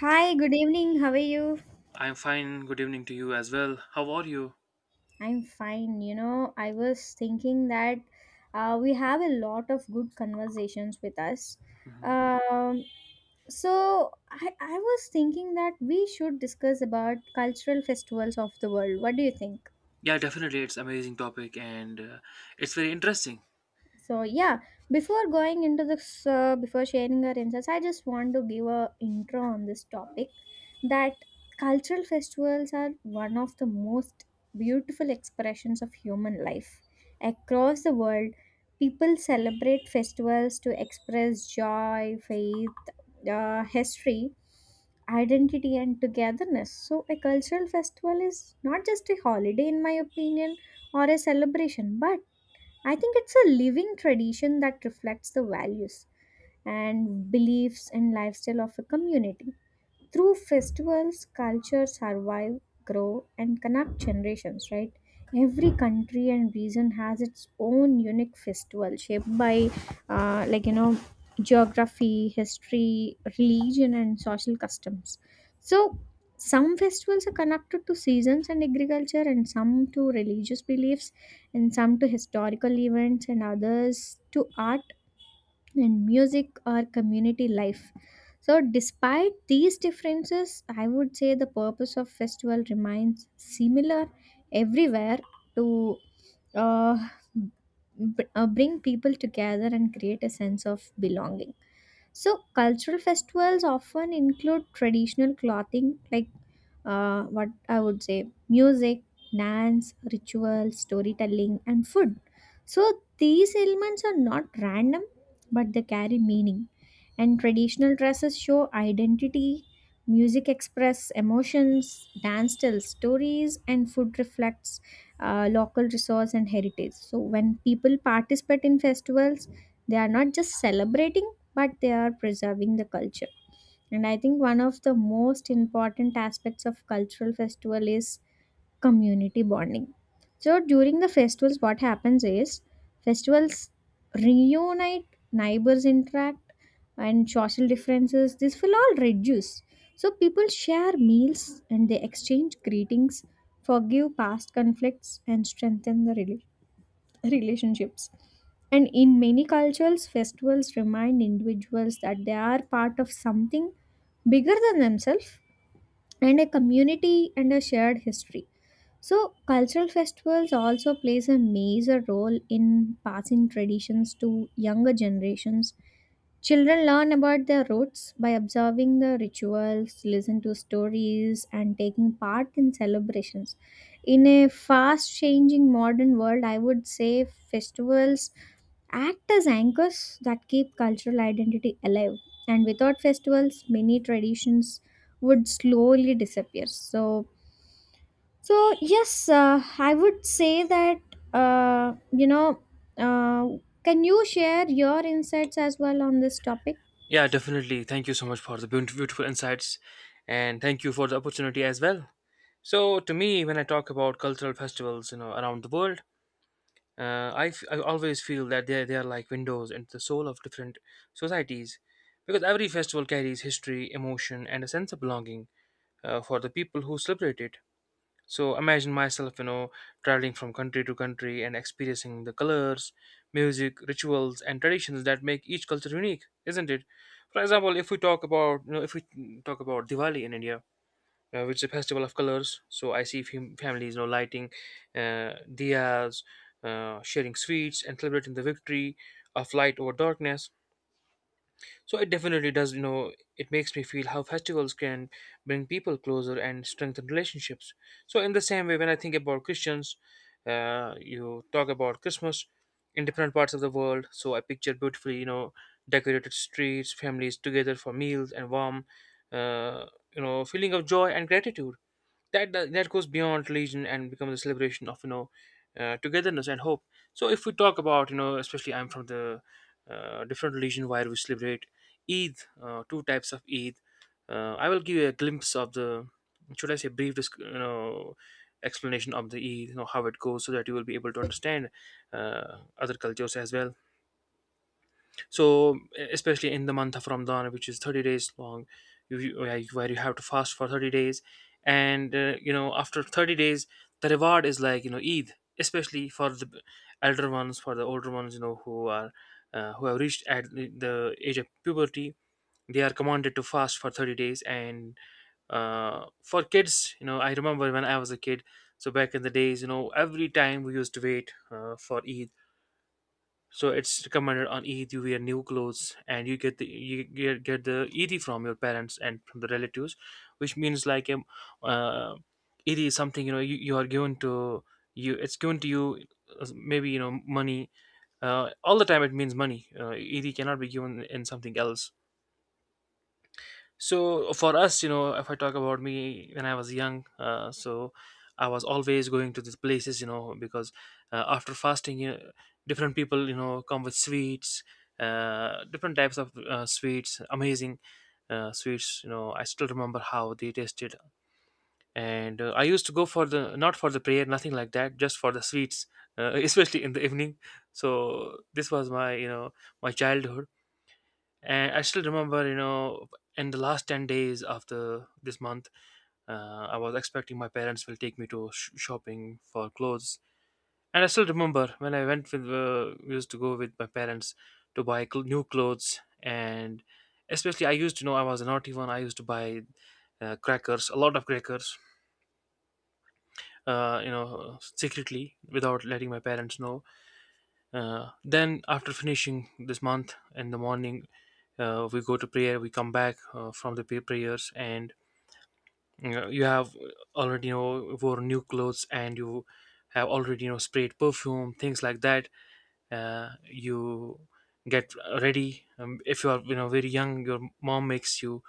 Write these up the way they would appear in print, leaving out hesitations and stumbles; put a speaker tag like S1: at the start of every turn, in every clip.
S1: Hi, good evening. How are you?
S2: I'm fine. Good evening to you as well. How are you?
S1: I'm fine. You know, I was thinking that we have a lot of good conversations with us.
S2: Hmm.
S1: Um, so I was thinking that we should discuss about cultural festivals of the world. What do you think?
S2: Yeah, definitely. It's amazing topic and it's very interesting.
S1: So yeah, before going into this, before sharing our insights, I just want to give a intro on this topic. That cultural festivals are one of the most beautiful expressions of human life. Across the world, people celebrate festivals to express joy, faith, history, identity, and togetherness. So a cultural festival is not just a holiday, in my opinion, or a celebration, but I think it's a living tradition that reflects the values and beliefs and lifestyle of a community. Through festivals, cultures survive, grow, and connect generations, right? Every country and region has its own unique festival shaped by, uh, like, you know, geography, history, religion, and social customs. So, some festivals are connected to seasons and agriculture, and some to religious beliefs, and some to historical events, and others to art and music or community life. So, despite these differences, I would say the purpose of festival remains similar everywhere to uh, bring people together and create a sense of belonging. So, cultural festivals often include traditional clothing, like what I would say music, dance, rituals, storytelling, and food. So, these elements are not random but they carry meaning. And traditional dresses show identity, music express emotions, dance tells stories, and food reflects local resource and heritage. So, when people participate in festivals, they are not just celebrating but they are preserving the culture. And I think one of the most important aspects of cultural festival is community bonding. So during the festivals, what happens is festivals reunite, neighbors interact, and social differences. This will all reduce. So people share meals and they exchange greetings, forgive past conflicts, and strengthen the relationships. And in many cultures, festivals remind individuals that they are part of something bigger than themselves and a community and a shared history. So, cultural festivals also plays a major role in passing traditions to younger generations. Children learn about their roots by observing the rituals, listen to stories, and taking part in celebrations. In a fast changing modern world, I would say festivals act as anchors that keep cultural identity alive. And without festivals, many traditions would slowly disappear. So, so yes, I would say that uh, you know. Uh, can you share your insights as well on this topic?
S2: Yeah, definitely. Thank you so much for the beautiful insights, and thank you for the opportunity as well. So, to me, when I talk about cultural festivals, you know, around the world, I always feel that they are like windows into the soul of different societies, because every festival carries history, emotion, and a sense of belonging for the people who celebrate it. So imagine myself, you know, traveling from country to country and experiencing the colors, music, rituals, and traditions that make each culture unique, isn't it? For example, if we talk about, you know, if we talk about Diwali in India, which is a festival of colors. So I see families, you know, lighting uh, diyas, sharing sweets, and celebrating the victory of light over darkness. So it definitely does, you know, it makes me feel how festivals can bring people closer and strengthen relationships. So, in the same way, when I think about Christians, you talk about Christmas in different parts of the world. So I picture beautifully, you know, decorated streets, families together for meals and warm, uh, you know, feeling of joy and gratitude that goes beyond religion and becomes a celebration of, you know, togetherness and hope. So if we talk about, you know, especially, I'm from the different religion where we celebrate Eid, two types of Eid. I will give you a glimpse of the, should I say, you know, explanation of the Eid, you know, how it goes, so that you will be able to understand other cultures as well. So, e, especially in the month of Ramadan, which is 30 days long, where you have to fast for 30 days, and you know, after 30 days, the reward is like, you know, Eid, especially for the elder ones, for the older ones, you know, who are who have reached at the age of puberty. They are commanded to fast for 30 days, and for kids, you know, I remember when I was a kid. So back in the days, you know, every time we used to wait for Eid. So it's recommended on Eid you wear new clothes, and you get the get the Eid from your parents and from the relatives, which means like uh, Eid is something, you know, you are given to, you, it's given to you, maybe, you know, money. All the time it means money. Eid cannot be given in something else. So for us, you know, if I talk about me when I was young, so I was always going to these places, you know, because after fasting, you know, different people, you know, come with sweets, different types of sweets, amazing sweets. You know, I still remember how they tasted, and I used to go for the, not for the prayer, nothing like that, just for the sweets, especially in the evening. So this was my, you know, my childhood. And I still remember, you know, in the last 10 days of the this month, I was expecting my parents will take me to shopping for clothes. And I still remember when I went with, used to go with my parents to buy new clothes, and especially, I used to know I was a naughty one. I used to buy crackers, a lot of crackers, you know, secretly without letting my parents know. Then after finishing this month, in the morning, we go to prayer. We come back from the prayers, and you have already, you know, wore new clothes, and you have already, you know, sprayed perfume, things like that. You get ready. If you are, you know, very young, your mom makes you,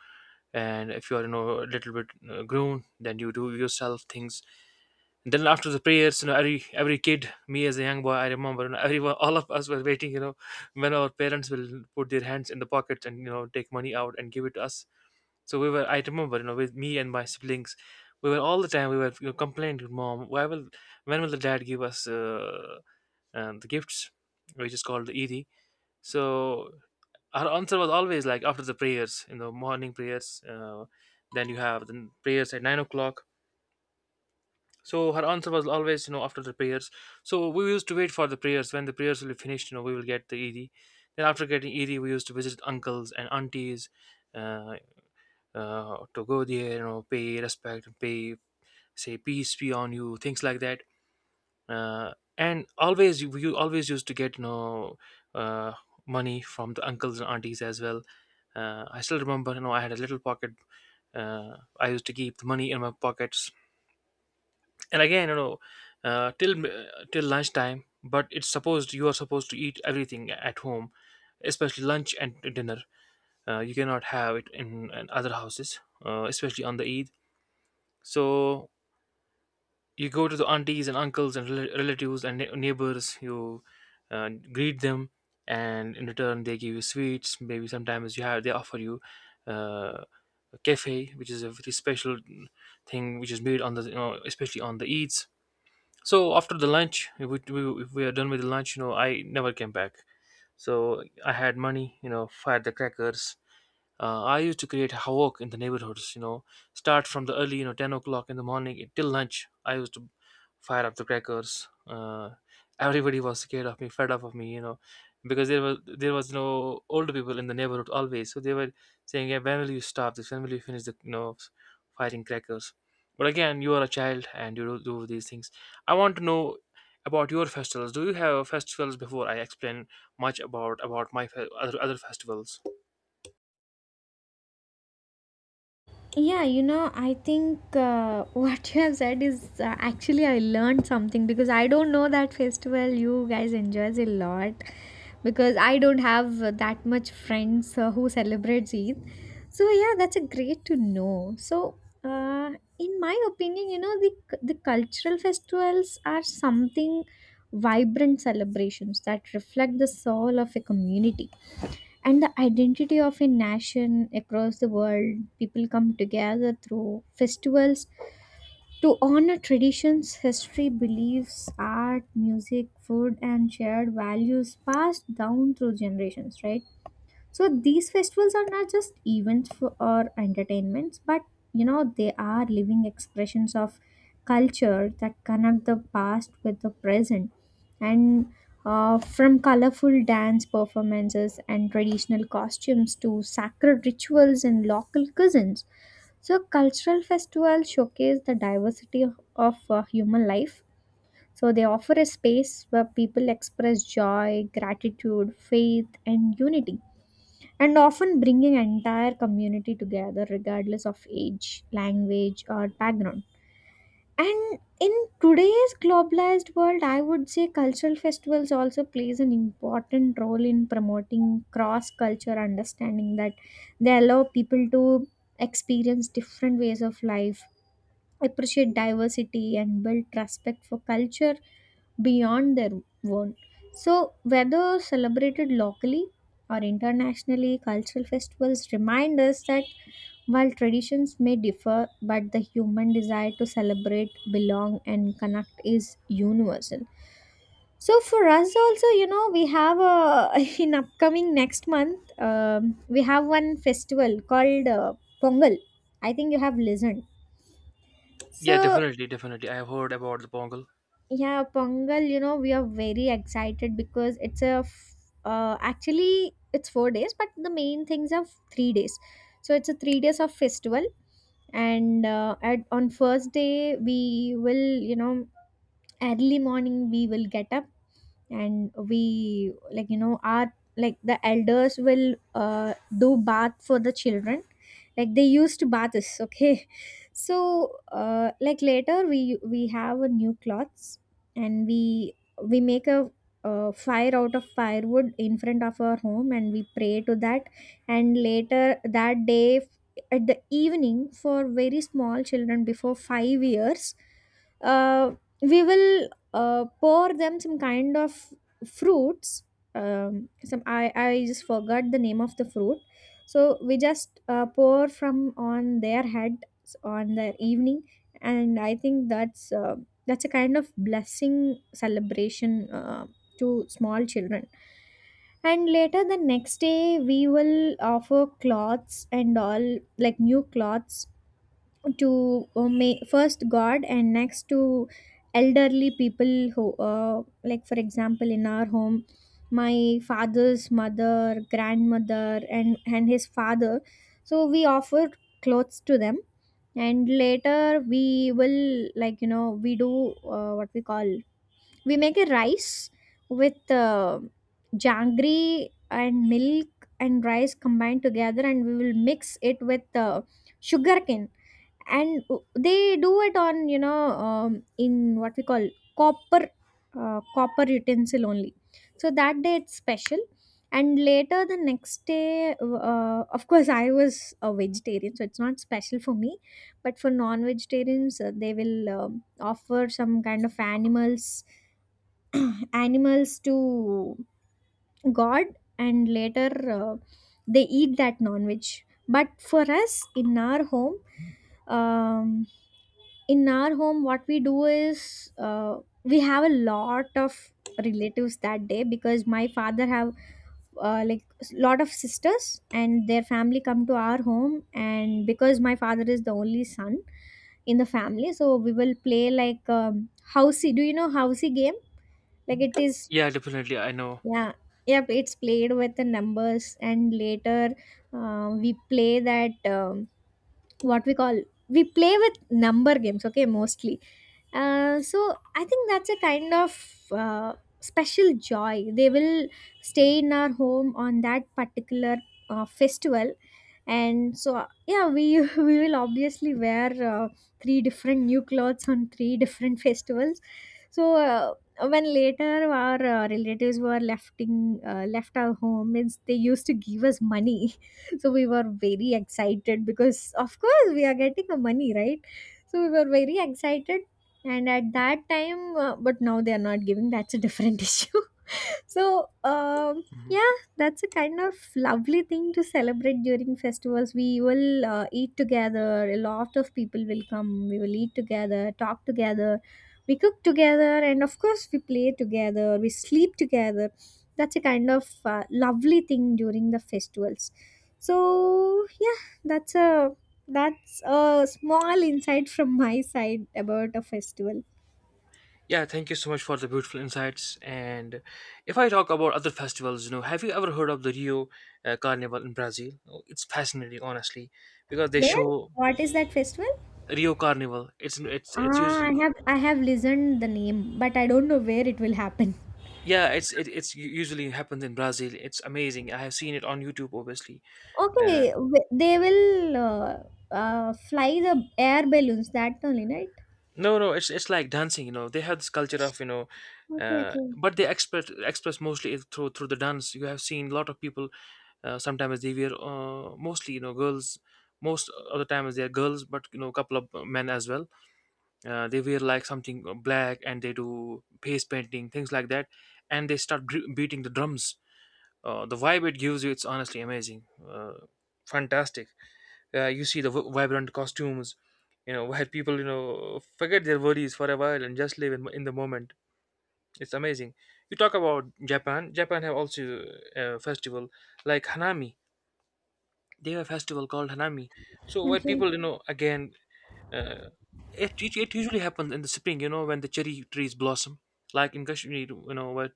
S2: and if you are, you know, a little bit grown, then you do yourself things. Then after the prayers, you know, every kid, me as a young boy, I remember, you know, everyone, all of us were waiting, you know, when our parents will put their hands in the pockets and, you know, take money out and give it to us. So we were, I remember, you know, with me and my siblings, we were all the time, we were, you know, complaining to mom, why will, when will the dad give us the gifts, which is called the Eid. So our answer was always like, after the prayers, you know, morning prayers. Then you have the prayers at 9 o'clock, so her answer was always, you know, after the prayers. So we used to wait for the prayers. When the prayers will be finished, you know, we will get the ED. Then after getting ED, we used to visit uncles and aunties, uh, to go there, you know, pay respect, pay, say peace be on you, things like that. And always, you always used to get, you know, uh, money from the uncles and aunties as well. I still remember, you know, I had a little pocket. I used to keep the money in my pockets, and again, you know, till lunchtime, but it's supposed, you are supposed to eat everything at home, especially lunch and dinner. You cannot have it in other houses, especially on the Eid. So you go to the aunties and uncles and relatives and neighbors. You greet them, and in return they give you sweets. Maybe sometimes you have, they offer you uh, a cafe, which is a very special thing, which is made on the, you know, especially on the Eids. So after the lunch, if if we are done with the lunch, you know, I never came back. So I had money, you know, I had the crackers. I used to create havoc in the neighborhoods. You know, start from the early, you know, 10 o'clock in the morning till lunch. I used to fire up the crackers. Everybody was scared of me, fed up of me. You know, because there was no older people in the neighborhood always, so they were saying, "Yeah, when will you stop this? When will you finish the, you know, firing crackers?" But again, you are a child, and you do do these things. I want to know about your festivals. Do you have festivals before I explain much about my other festivals?
S1: Yeah, you know, I think what you have said is actually I learned something because I don't know that festival you guys enjoys a lot because I don't have that much friends who celebrates Eid. So yeah, that's a great to know. So uh, in my opinion, you know, the cultural festivals are something vibrant celebrations that reflect the soul of a community and the identity of a nation across the world. People come together through festivals to honor traditions, history, beliefs, art, music, food, and shared values passed down through generations, right? So these festivals are not just events for, or entertainments, but you know they are living expressions of culture that connect the past with the present, and from colorful dance performances and traditional costumes to sacred rituals and local cuisines. So cultural festivals showcase the diversity of human life. So they offer a space where people express joy, gratitude, faith, and unity and often bringing entire community together regardless of age, language, or background. And in today's globalized world, I would say cultural festivals also plays an important role in promoting cross-culture understanding that they allow people to experience different ways of life appreciate diversity and build respect for culture beyond their own. So, whether celebrated locally or internationally, cultural festivals remind us that while traditions may differ, but the human desire to celebrate, belong, and connect is universal. So for us also, you know, we have a in upcoming next month, we have one festival called Pongal. I think you have listened.
S2: Yeah,
S1: So
S2: definitely, definitely. I have heard about the Pongal.
S1: yeah, Pongal, you know, we are very excited because it's a, actually, it's 4 days, but the main things are 3 days. So it's a 3 days of festival. And at, on first day, we will, you know, early morning, we will get up and we like you know our like the elders will do bath for the children like they used baths, okay. So like later we have a new cloths, and we make a fire out of firewood in front of our home and we pray to that, and later that day at the evening for very small children before 5 years, uh, we will pour them some kind of fruits. um, some I just forgot the name of the fruit. So we just pour from on their head on their evening, and I think that's a kind of blessing celebration uh, to small children. And later the next day we will offer cloths and all, like new cloths, to first god, and next to elderly people who like for example in our home, my father's mother, grandmother and his father. So we offer clothes to them, and later we will like you know we do, what we call, we make a rice with janggery and milk and rice combined together, and we will mix it with sugarcane, and they do it on you know, in what we call copper, copper utensil only. So that day it's special. And later the next day of course I was a vegetarian so it's not special for me, but for non-vegetarians they will offer some kind of animals animals to god, and later uh, they eat that non-veg. But for us in our home, um, what we do is we have a lot of relatives that day because my father have lot of sisters, and their family come to our home, and because my father is the only son in the family. So we will play like, housey, do you know housey game, like it is.
S2: Yeah, definitely, I know.
S1: Yeah, yep, it's played with the numbers. And later we play that, what we call, we play with number games, okay, mostly. So I think that's a kind of special joy. They will stay in our home on that particular festival, and so yeah, we we will obviously wear three different new clothes on three different festivals. So when later our relatives were left our home, means they used to give us money. So we were very excited because of course we are getting the money, right? So we were very excited, and at that time but now they are not giving, that's a different issue. So
S2: Mhm.
S1: yeah, that's a kind of lovely thing to celebrate during festivals. We will eat together, a lot of people will come, we will eat together, talk together, we cook together, and of course we play together, we sleep together. That's a kind of lovely thing during the festivals. So yeah, that's a small insight from my side about a festival.
S2: Yeah, thank you so much for the beautiful insights. And if I talk about other festivals, you know, have you ever heard of the Rio Carnival in Brazil? Oh, it's fascinating, honestly, because they
S1: Where?
S2: show,
S1: What is that festival?
S2: Rio Carnival. It's
S1: Ah,
S2: usually,
S1: I have listened the name, but I don't know where it will happen.
S2: yeah, it's it's usually happens in Brazil. It's amazing. I have seen it on YouTube, obviously. Uh,
S1: Okay, w- they will uh, fly the air balloons. That only, right?
S2: No, no, it's like dancing. You know, they have this culture of, you know,
S1: Okay, okay,
S2: but they express mostly it through the dance. You have seen a lot of people. Sometimes they wear, mostly, you know, girls. Most of the times they are girls, but, you know, a couple of men as well. They wear like something black, and they do face painting, things like that, and they start beating the drums. The vibe it gives you, it's honestly amazing, fantastic. You see the vibrant costumes, you know, where people, you know, forget their worries for a while and just live in the moment. It's amazing. You talk about Japan have also a festival like Hanami. They have a festival called Hanami. So where
S1: okay.
S2: people, you know, again, uh, it usually happens in the spring, you know, when the cherry trees blossom, like in Kashmir, you know, where,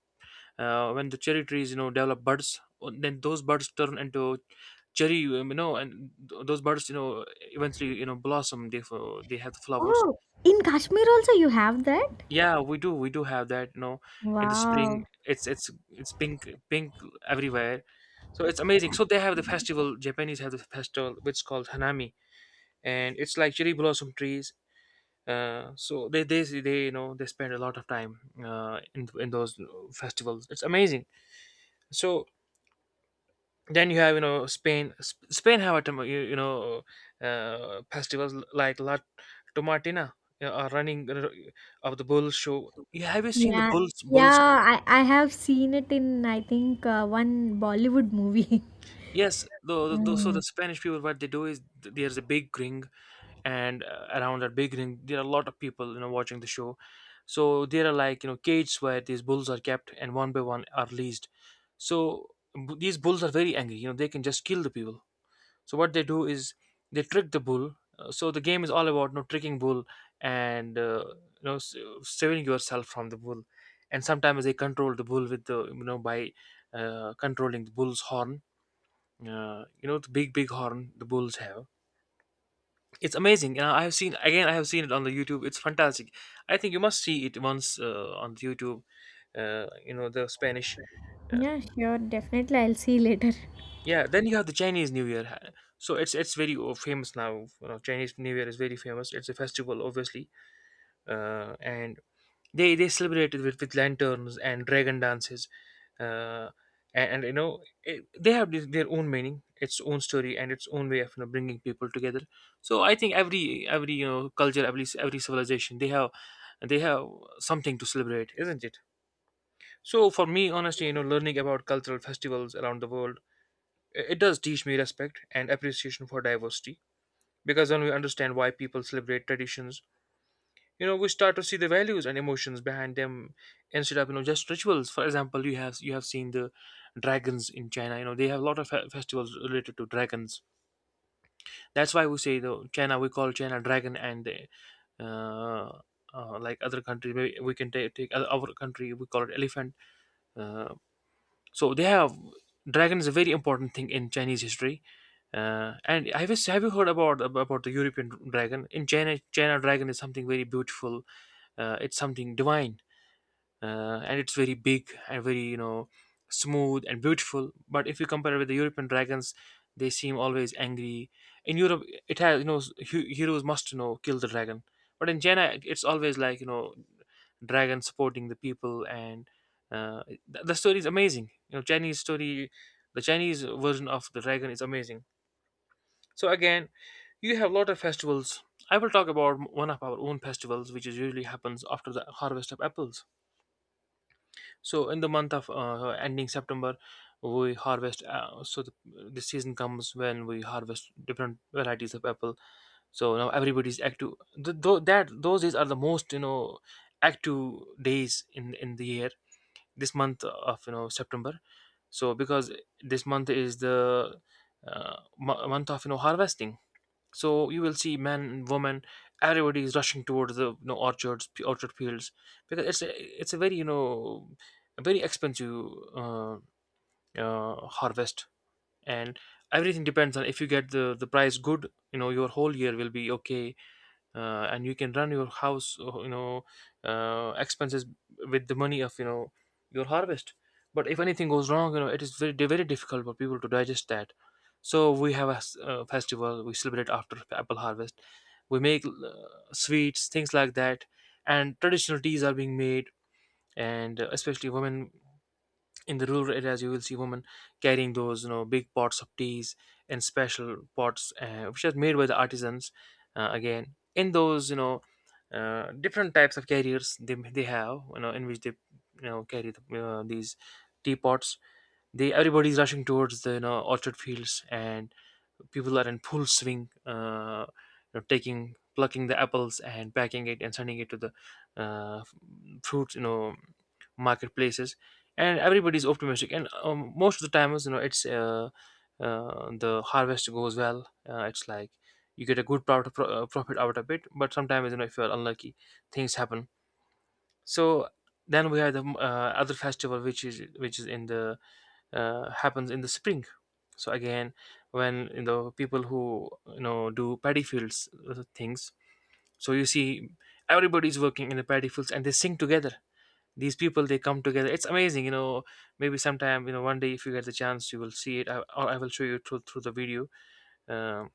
S2: when the cherry trees, you know, develop buds, then those buds turn into cherry, you know, and those buds, you know, eventually, you know, blossom, they they have the flowers.
S1: Oh, in Kashmir also you have that?
S2: Yeah, we do have that, you know, in the
S1: Wow.
S2: spring. It's pink pink everywhere. So it's amazing. So they have the festival. Japanese have the festival which is called Hanami, and it's like cherry blossom trees. So they, you know, they spend a lot of time in those festivals. It's amazing. So then you have spain spain have festivals like la tomatina, you know, are running r- of the bull show. You seen the
S1: Yeah.
S2: bulls?
S1: Yeah, I have seen it in I think one Bollywood movie.
S2: Yes, so
S1: Mm.
S2: the spanish people, what they do is there's a big ring, and around that big ring there are a lot of people watching the show. So there are, cages where these bulls are kept and one by one are released. So these bulls are very angry. They can just kill the people. So what they do is they trick the bull. So the game is all about, tricking bull. And you know s- saving yourself from the bull. And sometimes they control the bull with the you know by controlling the bull's horn. You know the big horn the bulls have. It's amazing. I have seen again. I have seen it on the YouTube. It's fantastic. I think you must see it once on YouTube. You know the Spanish. uh,
S1: Yeah, sure, definitely I'll see you later.
S2: Yeah, then you have the Chinese New Year. So it's very famous now. You know, Chinese New Year is very famous. It's a festival, obviously, and they celebrate it with lanterns and dragon dances, uh, and they have this, their own meaning, its own story, and its own way of bringing people together. So I think every culture, every civilization, they have they have something to celebrate, isn't it? So for me, honestly, you know, learning about cultural festivals around the world, it does teach me respect and appreciation for diversity, because when we understand why people celebrate traditions, you know, we start to see the values and emotions behind them instead of just rituals. For example, you have seen the dragons in China. You know, they have a lot of festivals related to dragons. That's why we say the China, we call China dragon and the. Uh, like other country, maybe we can take other, our country. We call it elephant. Uh, So they have dragon is a very important thing in Chinese history. And have you heard about the European dragon in China? China dragon is something very beautiful. It's something divine, and it's very big and very, smooth and beautiful. But if you compare it with the european dragons, they seem always angry. In europe, it has, heroes must, kill the dragon. But in jaina, it's always like, dragon supporting the people. And the story is amazing. Chinese story, the chinese version of the dragon is amazing. So again, you have a lot of festivals. I will talk about one of our own festivals, which is usually happens after the harvest of apples. So in the month of ending September, we harvest. So the season comes when we harvest different varieties of apple. So now everybody's active. Th- tho- that those days are the most, active days in the year. This month of, September. So because this month is the month of harvesting, so you will see men and women, everybody is rushing towards the, orchards, orchard fields, because it's a very you know a very expensive uh, harvest, and everything depends on if you get the price good. Your whole year will be okay, and you can run your house expenses with the money of your harvest. But if anything goes wrong, you know, it is very difficult for people to digest that. So we have a festival we celebrate after apple harvest. We make sweets, things like that, and traditional teas are being made. And especially women in the rural areas, you will see women carrying those, big pots of teas, and special pots which are made by the artisans. Again, in those, different types of carriers, they have, in which they, carry these teapots. They, everybody's rushing towards the, orchard fields, and people are in full swing, taking plucking the apples and packing it and sending it to the uh, f- fruit, marketplaces, and everybody's optimistic. And most of the times, you know, it's the harvest goes well. It's like you get a good profit, profit out of it. But sometimes, you know, if you're unlucky, things happen. So then we have the other festival, which is in the happens in the spring. So again, when, people who, do paddy fields, things, so you see everybody's working in the paddy fields, and they sing together. These people, they come together, it's amazing. Maybe sometime, you know, one day, if you get the chance, you will see it. Or I will show you through the video. uh,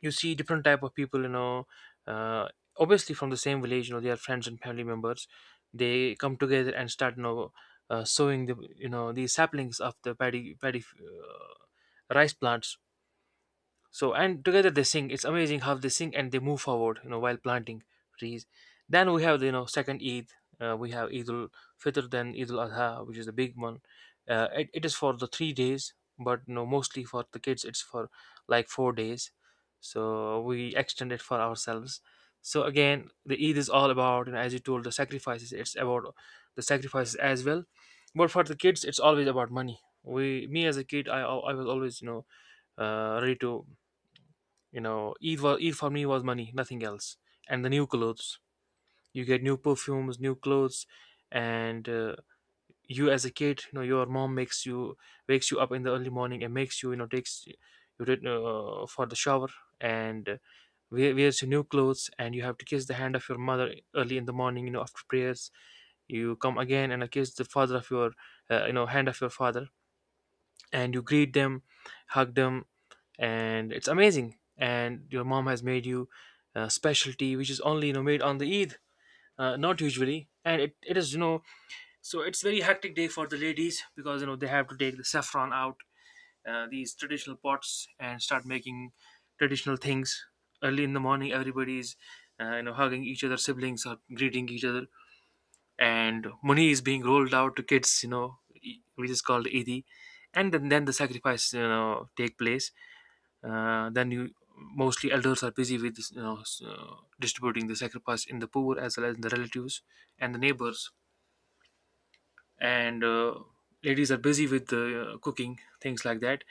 S2: you see different type of people, uh, obviously from the same village. They are friends and family members. They come together and start, sowing the you know the saplings of the paddy paddy rice plants. So and together they sing. It's amazing how they sing and they move forward, you know, while planting trees. Then we have the, second Eid. We have Eid al Fitr, then Eid al Adha, which is the big one. It is for the 3 days, but you know, mostly for the kids, it's for like 4 days. So we extend it for ourselves. So again, the Eid is all about, you know, as you told, the sacrifices. It's about the sacrifices as well. But for the kids, it's always about money. Me as a kid, I was always, you know, ready to, you know, Eid, wa Eid for me was money, nothing else. And the new clothes. You get new perfumes, new clothes, and you as a kid, you know, your mom makes you wakes you up in the early morning and makes you, you know, takes you for the shower, and wears your new clothes, and you have to kiss the hand of your mother early in the morning, you know, after prayers. You come again and kiss the father of your you know hand of your father, and you greet them, hug them. And it's amazing. And your mom has made you a specialty, which is only, you know, made on the Eid, not usually. And it is you know so it's very hectic day for the ladies, because you know they have to take the saffron out, these traditional pots, and start making traditional things early in the morning. Everybody's, hugging each other, siblings are greeting each other, and money is being rolled out to kids. You know, which is called Eid. And then, the sacrifice, you know, take place. Then, you, mostly elders are busy with, distributing the sacrifice in the poor as well as the relatives and the neighbors. And ladies are busy with the cooking, things like that.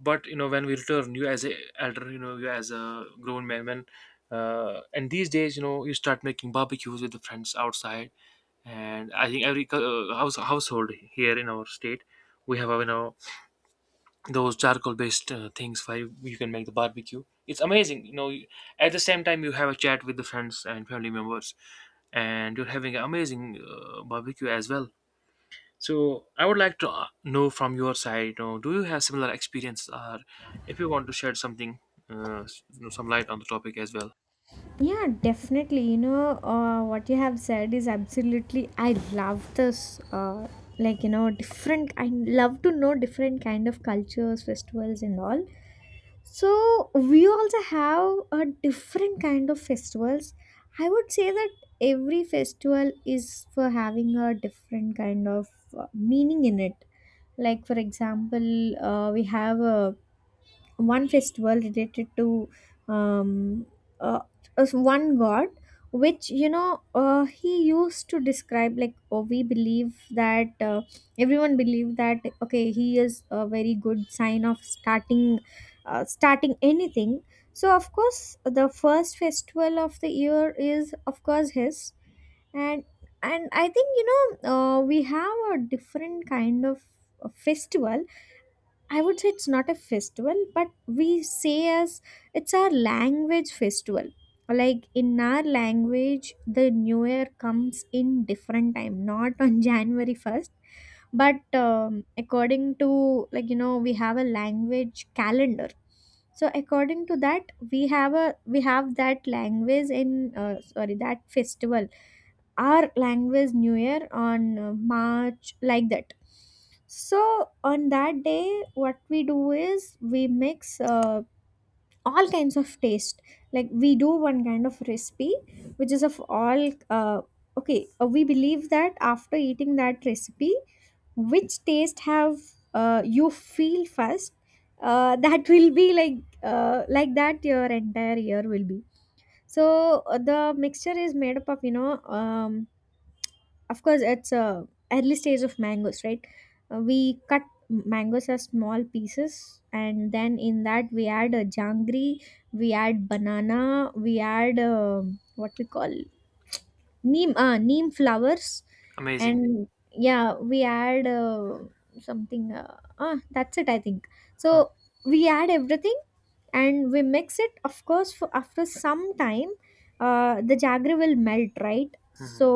S2: But you know, when we return, you as a elder, you know, you as a grown man, when and these days, you know, you start making barbecues with the friends outside. And I think every household here in our state, we have a, you know, those charcoal based things for you. You can make the barbecue, it's amazing. At the same time you have a chat with the friends and family members, and you're having an amazing barbecue as well. So I would like to know from your side, you know, do you have similar experience? Or if you want to shed something, you know, some light on the topic as well.
S1: Yeah, definitely. You know, what you have said is absolutely. I love this. Like you know, different. I love to know different kind of cultures, festivals, and all. So we also have a different kind of festivals. I would say that every festival is for having a different kind of meaning in it. Like for example, we have a one festival related to um, uh, as one god, which you know he used to describe like oh we believe that everyone believe that okay he is a very good sign of starting starting anything. So of course the first festival of the year is of course his. and and I think you know we have a different kind of festival, I would say it's not a festival, but we say as it's our language festival. Like in our language, the new year comes in different time, not on January 1st. But according to, like, you know, we have a language calendar. So according to that, we have that language in, sorry, that festival, our language new year on March, like that. So on that day, what we do is we mix all kinds of taste, like we do one kind of recipe which is of all, okay, we believe that after eating that recipe, which taste have, you feel first, that will be like, like that your entire year will be. So the mixture is made up of, um, of course it's a early stage of mangoes, right. We cut mangoes as small pieces, and then in that we add a jangri, we add banana, we add what we call neem flowers.
S2: Amazing.
S1: And yeah, we add something. That's it, I think. So
S2: Hmm,
S1: we add everything and we mix it, of course, for after some time. The jaggery will melt, right,
S2: hmm,
S1: so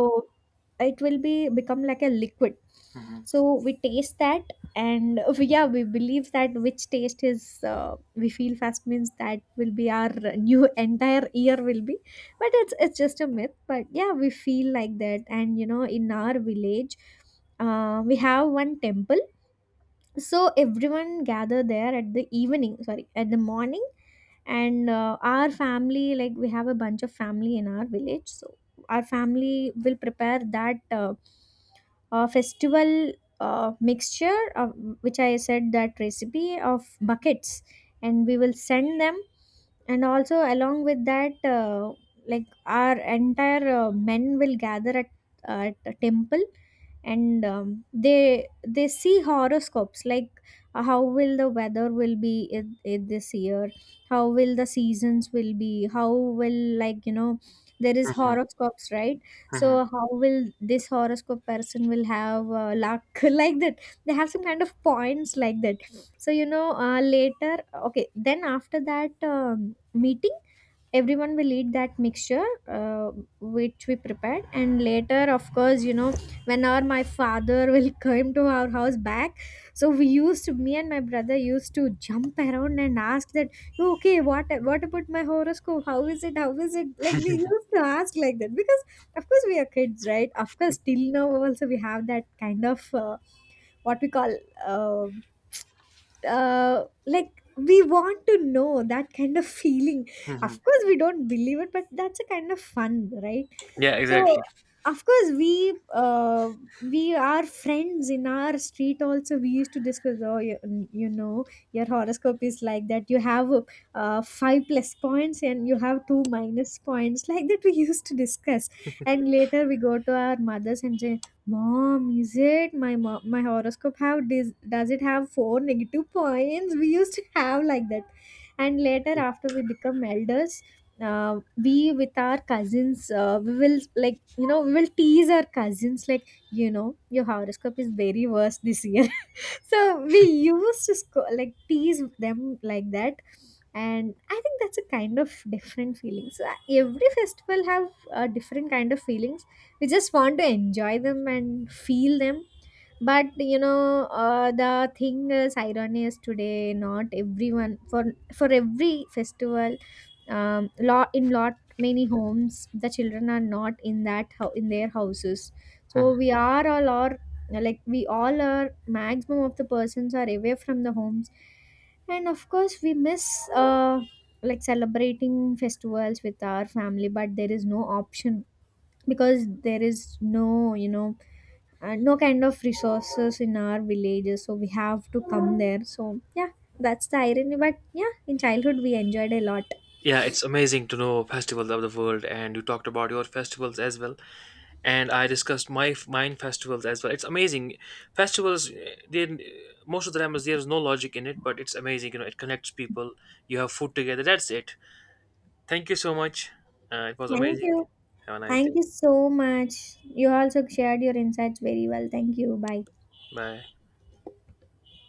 S1: it will be become like a liquid.
S2: hmm,
S1: So we taste that, and yeah, we believe that which taste is, we feel fast means that will be our new entire year will be. But it's just a myth. But yeah, we feel like that. And in our village, we have one temple. So everyone gather there at the evening, sorry, at the morning. And our family, like we have a bunch of family in our village, so our family will prepare that festival mixture of, which I said, that recipe of buckets, and we will send them. And also, along with that, like our entire men will gather at a temple. And they see horoscopes, like, how will the weather will be in this year, how will the seasons will be, how will, like, you know, there is
S2: hmm, hmm, hmm.
S1: horoscopes, right.
S2: Hmm,
S1: So how will this horoscope person will have luck, like that. They have some kind of points, like that. So, you know, later, okay, then after that meeting, everyone will eat that mixture, which we prepared. And later, of course, you know, whenever my father will come to our house back, so we used to, me and my brother used to jump around and ask that, "Oh, okay, what about my horoscope, how is it, how is it?" Like, we used to ask like that, because of course we are kids, right. Of course till now also we have that kind of what we call, uh, like, we want to know that kind of feeling.
S2: hmm, hmm.
S1: Of course, we don't believe it, but that's a kind of fun, right?
S2: Yeah,
S1: So,
S2: exactly.
S1: of course, we are friends in our street. Also, we used to discuss. Oh, you, you know, your horoscope is like that. You have five plus points, and you have two minus points. Like that, we used to discuss. And later, we go to our mothers and say, "Mom, is it my mom, my horoscope have, does it have four negative points?" We used to have like that. And later, after we become elders, we with our cousins, we will, like, you know, we will tease our cousins, like, you know, your horoscope is very worse this year. So we used to like tease them like that. And I think that's a kind of different feeling. So every festival have a different kind of feelings. We just want to enjoy them and feel them. But you know, the thing is, irony is today not everyone, for every festival. Lot in lot many homes, the children are not in that in their houses.
S2: Hmm.
S1: So we are all are, like, we all are maximum of the persons are away from the homes, and of course we miss uh like celebrating festivals with our family. But there is no option, because there is no, and no kind of resources in our villages, so we have to come there. So yeah, that's the irony. But yeah, in childhood we enjoyed a lot.
S2: Yeah, it's amazing to know festivals of the world, and you talked about your festivals as well, and I discussed my mine festivals as well. It's amazing. Festivals, eh, they, most of the time there is no logic in it, but it's amazing. You know, it connects people. You have food together. That's it. Thank you so much. It was
S1: Thank
S2: amazing.
S1: you.
S2: Have a nice day.
S1: Thank you so much. You also shared your insights very well. Thank you. Bye.
S2: Bye.